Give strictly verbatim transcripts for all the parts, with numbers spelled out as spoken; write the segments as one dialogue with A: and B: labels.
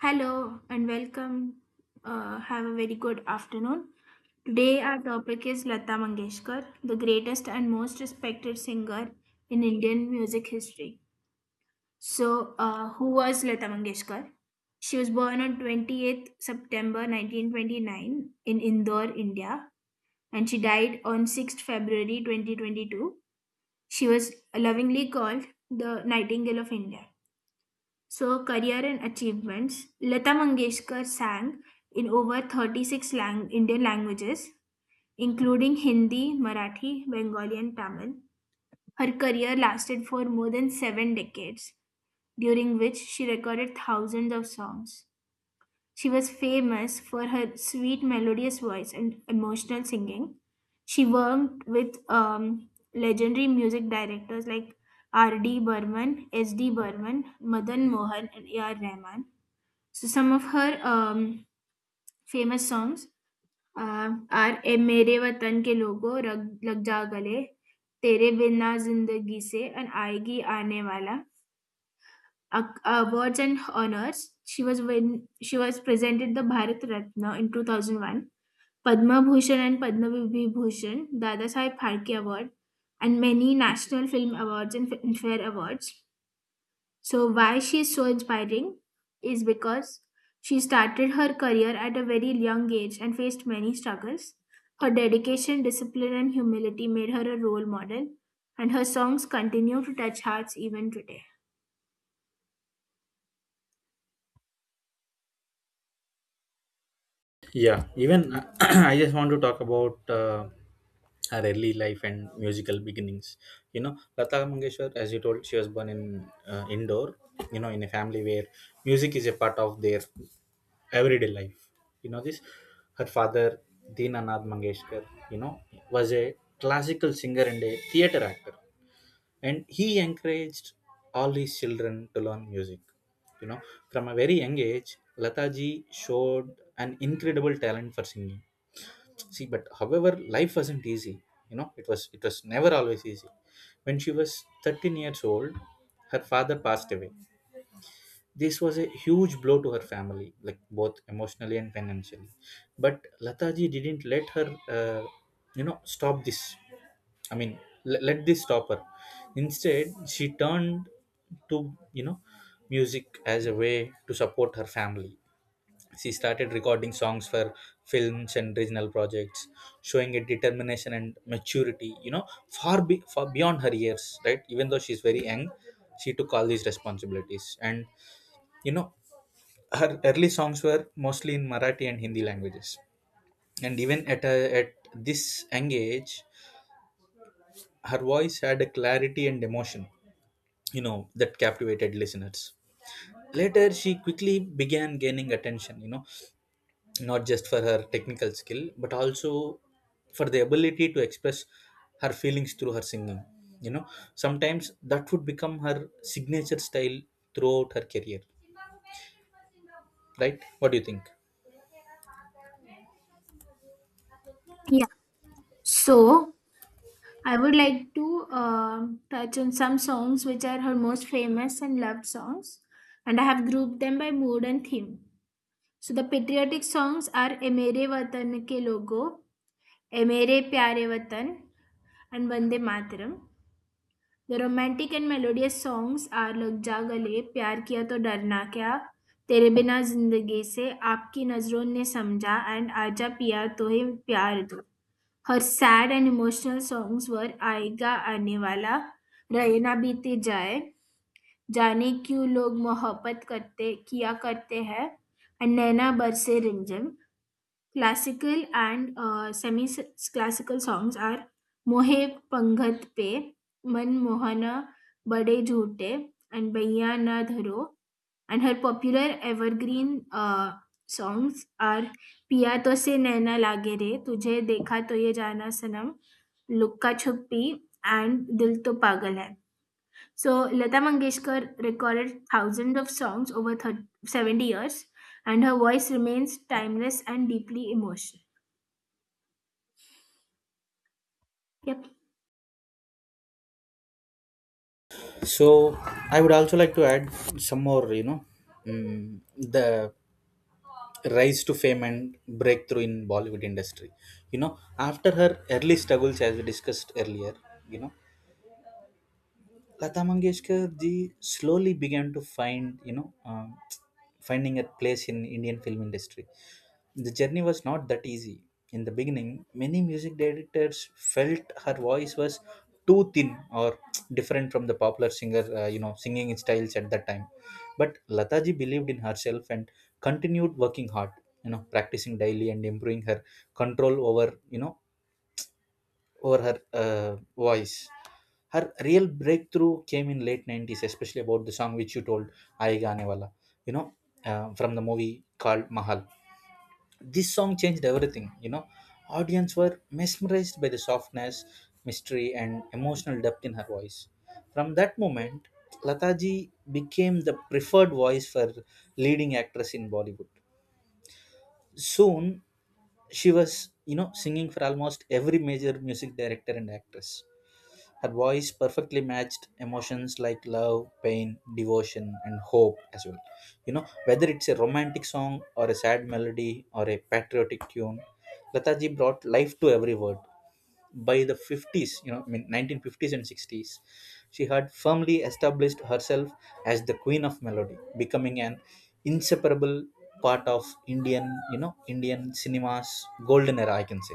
A: Hello and welcome. Uh, have a very good afternoon. Today, our topic is Lata Mangeshkar, the greatest and most respected singer in Indian music history. So, uh, who was Lata Mangeshkar? She was born on twenty-eighth September nineteen twenty-nine in Indore, India, and she died on sixth February twenty twenty-two. She was lovingly called the Nightingale of India. So, career and achievements. Lata Mangeshkar sang in over thirty-six lang- Indian languages, including Hindi, Marathi, Bengali, and Tamil. Her career lasted for more than seven decades, during which she recorded thousands of songs. She was famous for her sweet, melodious voice and emotional singing. She worked with um, legendary music directors like R D. Burman, S D. Burman, Madan Mohan, and A R. Rahman. So some of her um, famous songs uh, are "ए मेरे वतन के लोगों रग लग जा गले तेरे बिना जिंदगी से and आएगी आने वाला. Ac- awards and honors. she was when she was presented the Bharat Ratna in two thousand one, Padma Bhushan and Padma Vibhushan, Dada Saheb Phalke Award, and many national film awards and filmfare awards. So, why she is so inspiring is because she started her career at a very young age and faced many struggles. Her dedication, discipline, and humility made her a role model, and her songs continue to touch hearts even today.
B: Yeah, even I just want to talk about uh, her early life and musical beginnings. You know, Lata Mangeshwar, as you told, she was born in uh, Indore. You know, in a family where music is a part of their everyday life. You know this. Her father, Dinanath Mangeshkar, you know, was a classical singer and a theater actor. And he encouraged all his children to learn music you know from a very young age. Lataji showed an incredible talent for singing. See, but however, life wasn't easy. You know, it was it was never always easy. When she was thirteen years old, her father passed away. This was a huge blow to her family, like both emotionally and financially. But Lataji didn't let her uh, you know stop this. I mean, le- let this stop her. Instead, she turned to, you know, music as a way to support her family. She started recording songs for films and regional projects, showing a determination and maturity, you know, far, be- far beyond her years, right? Even though she's very young, she took all these responsibilities, and you know her early songs were mostly in Marathi and Hindi languages. And even at a, at this young age, her voice had a clarity and emotion, you know, that captivated listeners. Later, she quickly began gaining attention, you know, not just for her technical skill, but also for the ability to express her feelings through her singing. You know, sometimes that would become her signature style throughout her career, right? What do you think?
A: Yeah. So, I would like to um touch on some songs which are her most famous and loved songs, and I have grouped them by mood and theme. So, the patriotic songs are Emere Watan Ke Logo, A Mere Pyare Vatan, and Bande Mataram. The romantic and melodious songs are Lag Ja Gale, Pyar Kiya To Darna Kya, तेरे बिना जिंदगी से आपकी नजरों ने समझा and आजा पिया तो ही प्यार दो हर सैड एंड इमोशनल सॉन्ग्स वर आएगा आने वाला रहे ना बीते जाए जाने क्यों लोग मोहब्बत करते किया करते हैं एंड नैना बरसे रिमझिम. Classical and uh, semi-classical songs are Mohe Pangat Pe, Man Mohana Bade Jhoote, and Baiya Na Dharo. And her popular evergreen uh, songs are पिया तो से नैना लागे रे तुझे देखा तो ये जाना सनम लुक्का छुपी एंड दिल तो पागल है सो लता Mangeshkar recorded thousands of songs over 30, seventy years, and her voice remains timeless and deeply emotional. Yep.
B: So, I would also like to add some more, you know, mm, the rise to fame and breakthrough in Bollywood industry. You know, after her early struggles, as we discussed earlier, you know, Lata Mangeshkar ji slowly began to find, you know, um finding a place in Indian film industry. The journey was not that easy. In the beginning, many music directors felt her voice was too thin or different from the popular singer, uh, you know, singing styles at that time. But Lataji believed in herself and continued working hard, you know, practicing daily and improving her control over, you know, over her uh, voice. Her real breakthrough came in late nineties, especially about the song which you told, "Aayega Aane Wala," you know, uh, from the movie called Mahal. This song changed everything. You know, audience were mesmerized by the softness, mystery and emotional depth in her voice. From that moment, Lataji became the preferred voice for leading actress in Bollywood. Soon, she was, you know, singing for almost every major music director and actress. Her voice perfectly matched emotions like love, pain, devotion, and hope as well. You know, whether it's a romantic song or a sad melody or a patriotic tune, Lataji brought life to every word. By the fifties, you know, I mean nineteen fifties and sixties, she had firmly established herself as the queen of melody, becoming an inseparable part of Indian, you know, Indian cinema's golden era, I can say.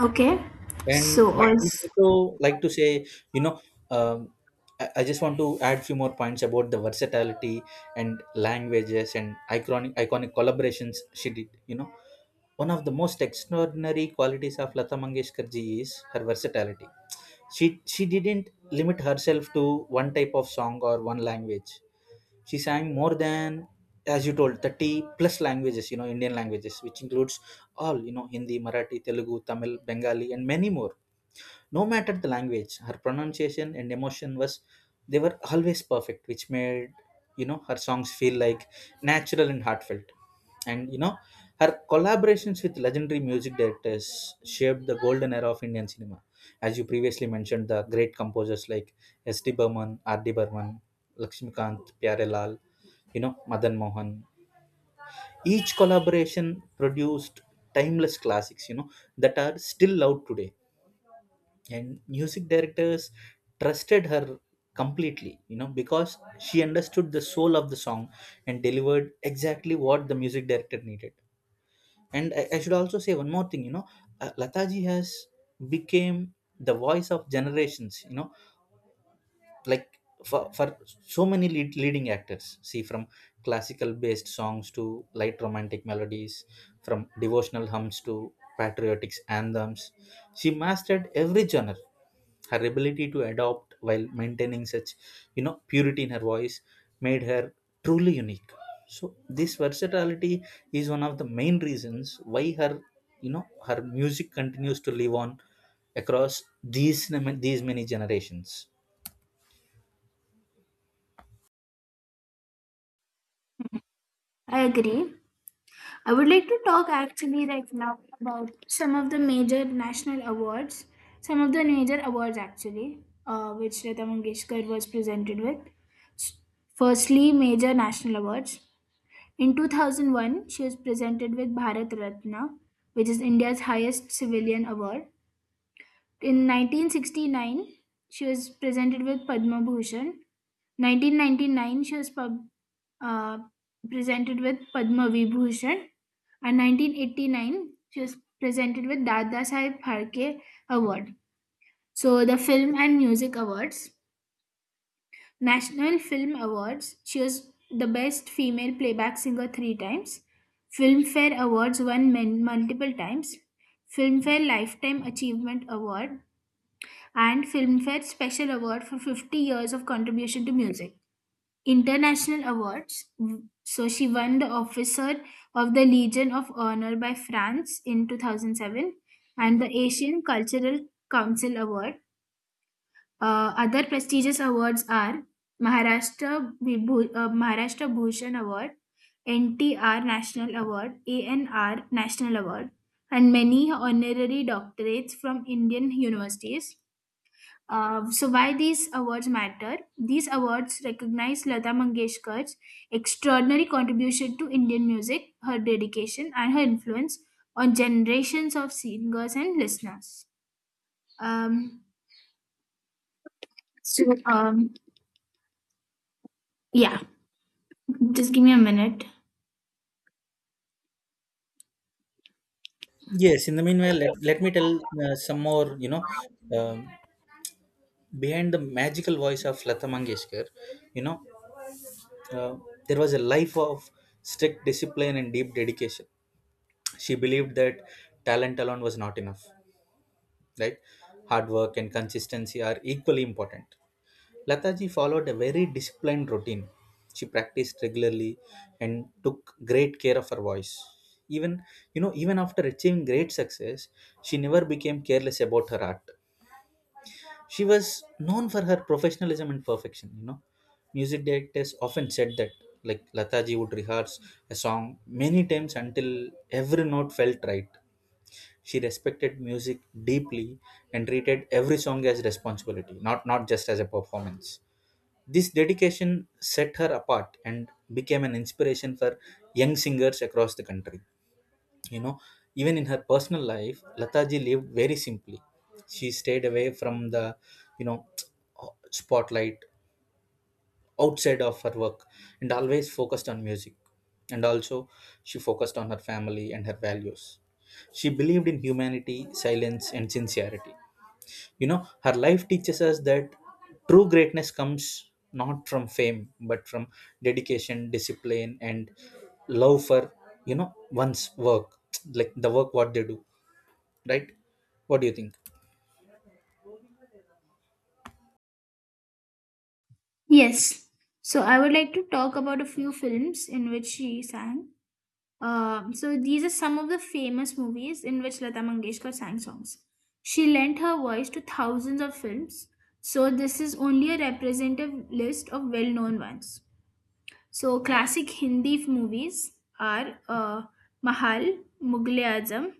A: Okay.
B: And
A: So
B: I would
A: also,
B: also like to say, you know, um, I, I just want to add few more points about the versatility and languages and iconic iconic collaborations she did. You know, one of the most extraordinary qualities of Lata Mangeshkar ji is her versatility. She she didn't limit herself to one type of song or one language. She sang more than, as you told, thirty plus languages, you know Indian languages, which includes all, you know, Hindi, Marathi, Telugu, Tamil, Bengali, and many more. No matter the language, her pronunciation and emotion was, they were always perfect, which made, you know, her songs feel like natural and heartfelt. And you know, her collaborations with legendary music directors shaped the golden era of Indian cinema. As you previously mentioned, the great composers like S. D. Burman, R. D. Burman, Lakshmikant, Pyarelal, you know, Madan Mohan. Each collaboration produced timeless classics, you know, that are still loved today, and music directors trusted her completely, you know because she understood the soul of the song and delivered exactly what the music director needed. And i, I should also say one more thing. you know uh, Lataji has became the voice of generations, you know like for, for so many lead, leading actors. See, from classical based songs to light romantic melodies, from devotional hymns to patriotic anthems, she mastered every genre. Her ability to adopt while maintaining such, you know, purity in her voice made her truly unique. So this versatility is one of the main reasons why her, you know her music continues to live on across these these many generations.
A: I agree. I would like to talk actually right now about some of the major national awards, some of the major awards actually, uh, which Lata Mangeshkar was presented with. S- Firstly, major national awards. In two thousand one, she was presented with Bharat Ratna, which is India's highest civilian award. In nineteen sixty-nine, she was presented with Padma Bhushan. nineteen ninety-nine, she was pub, uh, presented with Padma Vibhushan. And nineteen eighty-nine, she was presented with Dada Saheb Pharke Award. So the Film and Music Awards, National Film Awards, she was the best female playback singer three times. Filmfare Awards won men multiple times. Filmfare Lifetime Achievement Award and Filmfare Special Award for fifty years of contribution to music. International awards. So she won the Officer of the Legion of Honor by France in two thousand seven and the Asian Cultural Council Award. Uh, other prestigious awards are Maharashtra, Vibhu- uh, Maharashtra Bhushan Award, N T R National Award, A N R National Award, and many honorary doctorates from Indian universities. Uh, so why these awards matter? These awards recognize Lata Mangeshkar's extraordinary contribution to Indian music, her dedication, and her influence on generations of singers and listeners. Um, so, um, yeah, just give me a minute.
B: Yes, in the meanwhile, let, let me tell uh, some more, you know, um, behind the magical voice of Lata Mangeshkar, you know, uh, there was a life of strict discipline and deep dedication. She believed that talent alone was not enough, right? Hard work and consistency are equally important. Lataji followed a very disciplined routine. She practiced regularly and took great care of her voice. Even, you know, even after achieving great success, she never became careless about her art. She was known for her professionalism and perfection, you know. Music directors often said that, like, Lataji would rehearse a song many times until every note felt right. She respected music deeply and treated every song as responsibility, not not just as a performance. This dedication set her apart and became an inspiration for young singers across the country. you know Even in her personal life, Lataji lived very simply. She stayed away from the, you know spotlight outside of her work, and always focused on music. And also, she focused on her family and her values. She believed in humanity, silence and sincerity. You know, her life teaches us that true greatness comes not from fame, but from dedication, discipline and love for, you know one's work, like the work what they do, right? What do you think?
A: Yes. So I would like to talk about a few films in which she sang. Um, so these are some of the famous movies in which Lata Mangeshkar sang songs. She lent her voice to thousands of films, so this is only a representative list of well-known ones. So classic Hindi movies are uh, Mahal, Mughal Azam,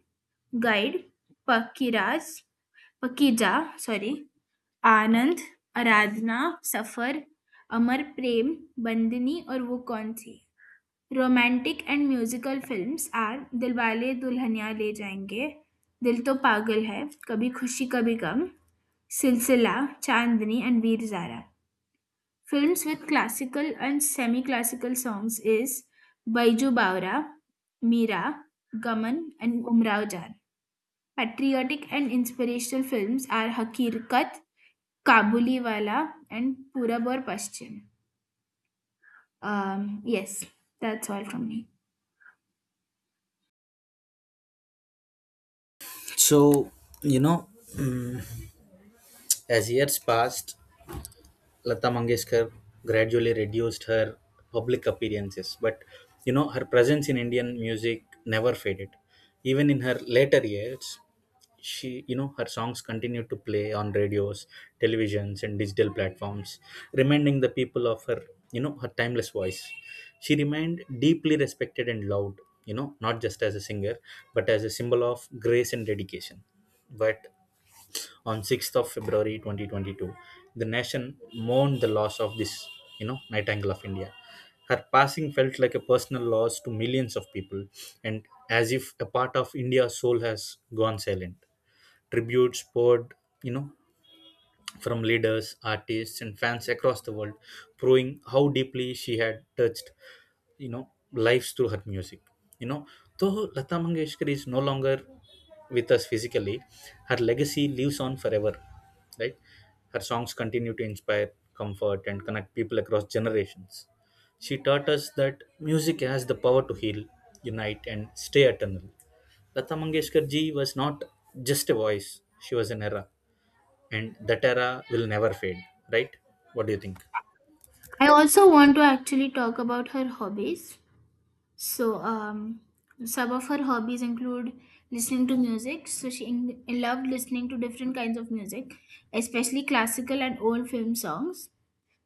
A: Guide, Pakiraj, Pakija, sorry, Anand, Aradhna, Safar, Amar Prem, Bandini, और वो कौन थी romantic and musical films are Dilwale Dulhania Le Jayenge दिल तो पागल है कभी खुशी कभी गम सिलसिला चांदनी and veer zara films with classical and semi classical songs is baiju bawra meera gaman and umrao jaan patriotic and inspirational films are hakikat kabuliwala and purab aur paschim. um, yes, that's all from me.
B: So, you know, mm, as years passed, Lata Mangeshkar gradually reduced her public appearances, but you know, her presence in Indian music never faded. Even in her later years, she you know, her songs continue to play on radios, televisions and digital platforms, reminding the people of her, you know her timeless voice. She remained deeply respected and loved, you know not just as a singer, but as a symbol of grace and dedication. But on sixth of february twenty twenty-two, the nation mourned the loss of this, you know nightingale of India. Her passing felt like a personal loss to millions of people, and as if a part of India's soul has gone silent. Tributes poured, you know, from leaders, artists, and fans across the world, proving how deeply she had touched, you know lives through her music. you know though Lata Mangeshkar is no longer with us physically, her legacy lives on forever, right? Her songs continue to inspire, comfort and connect people across generations. She taught us that music has the power to heal, unite and stay eternal. Lata Mangeshkar ji was not just a voice, she was an era, and that era will never fade, right? What do you think?
A: I also want to actually talk about her hobbies. So, um, some of her hobbies include listening to music. So, she in- loved listening to different kinds of music, especially classical and old film songs,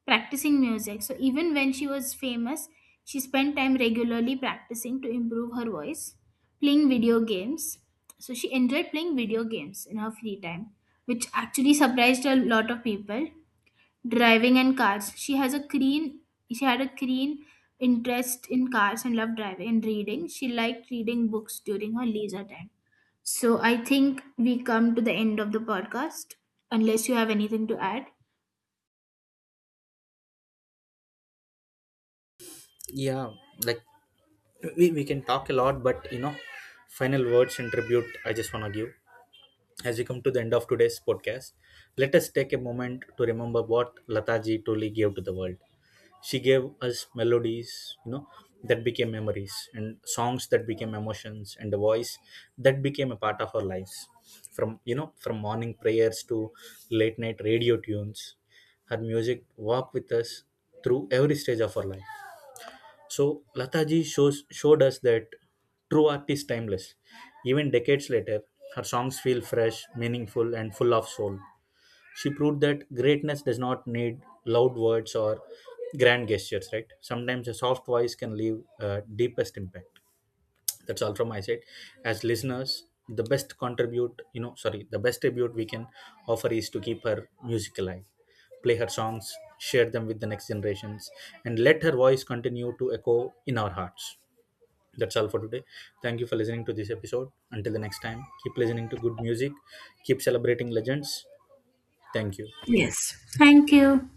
A: practicing music. So, even when she was famous, she spent time regularly practicing to improve her voice, playing video games. So, she enjoyed playing video games in her free time, which actually surprised a lot of people. Driving and cars, she has a keen she had a keen interest in cars and loved driving. And reading, she liked reading books during her leisure time. So I think we come to the end of the podcast, unless you have anything to add.
B: Yeah, like, we, we can talk a lot, but you know, final words and tribute, I just want to give. As we come to the end of today's podcast, let us take a moment to remember what Lataji truly gave to the world. She gave us melodies, you know, that became memories, and songs that became emotions, and a voice that became a part of our lives. From, you know from morning prayers to late night radio tunes, her music walked with us through every stage of our life. So Lataji shows showed us that true art is timeless. Even decades later, her songs feel fresh, meaningful, and full of soul. She proved that greatness does not need loud words or grand gestures. Right? Sometimes a soft voice can leave uh, deepest impact. That's all from my side. As listeners, the best contribute you know sorry the best tribute we can offer is to keep her music alive. Play her songs, share them with the next generations, and let her voice continue to echo in our hearts. That's all for today. Thank you for listening to this episode. Until the next time, keep listening to good music, keep celebrating legends. Thank you.
A: Thank you.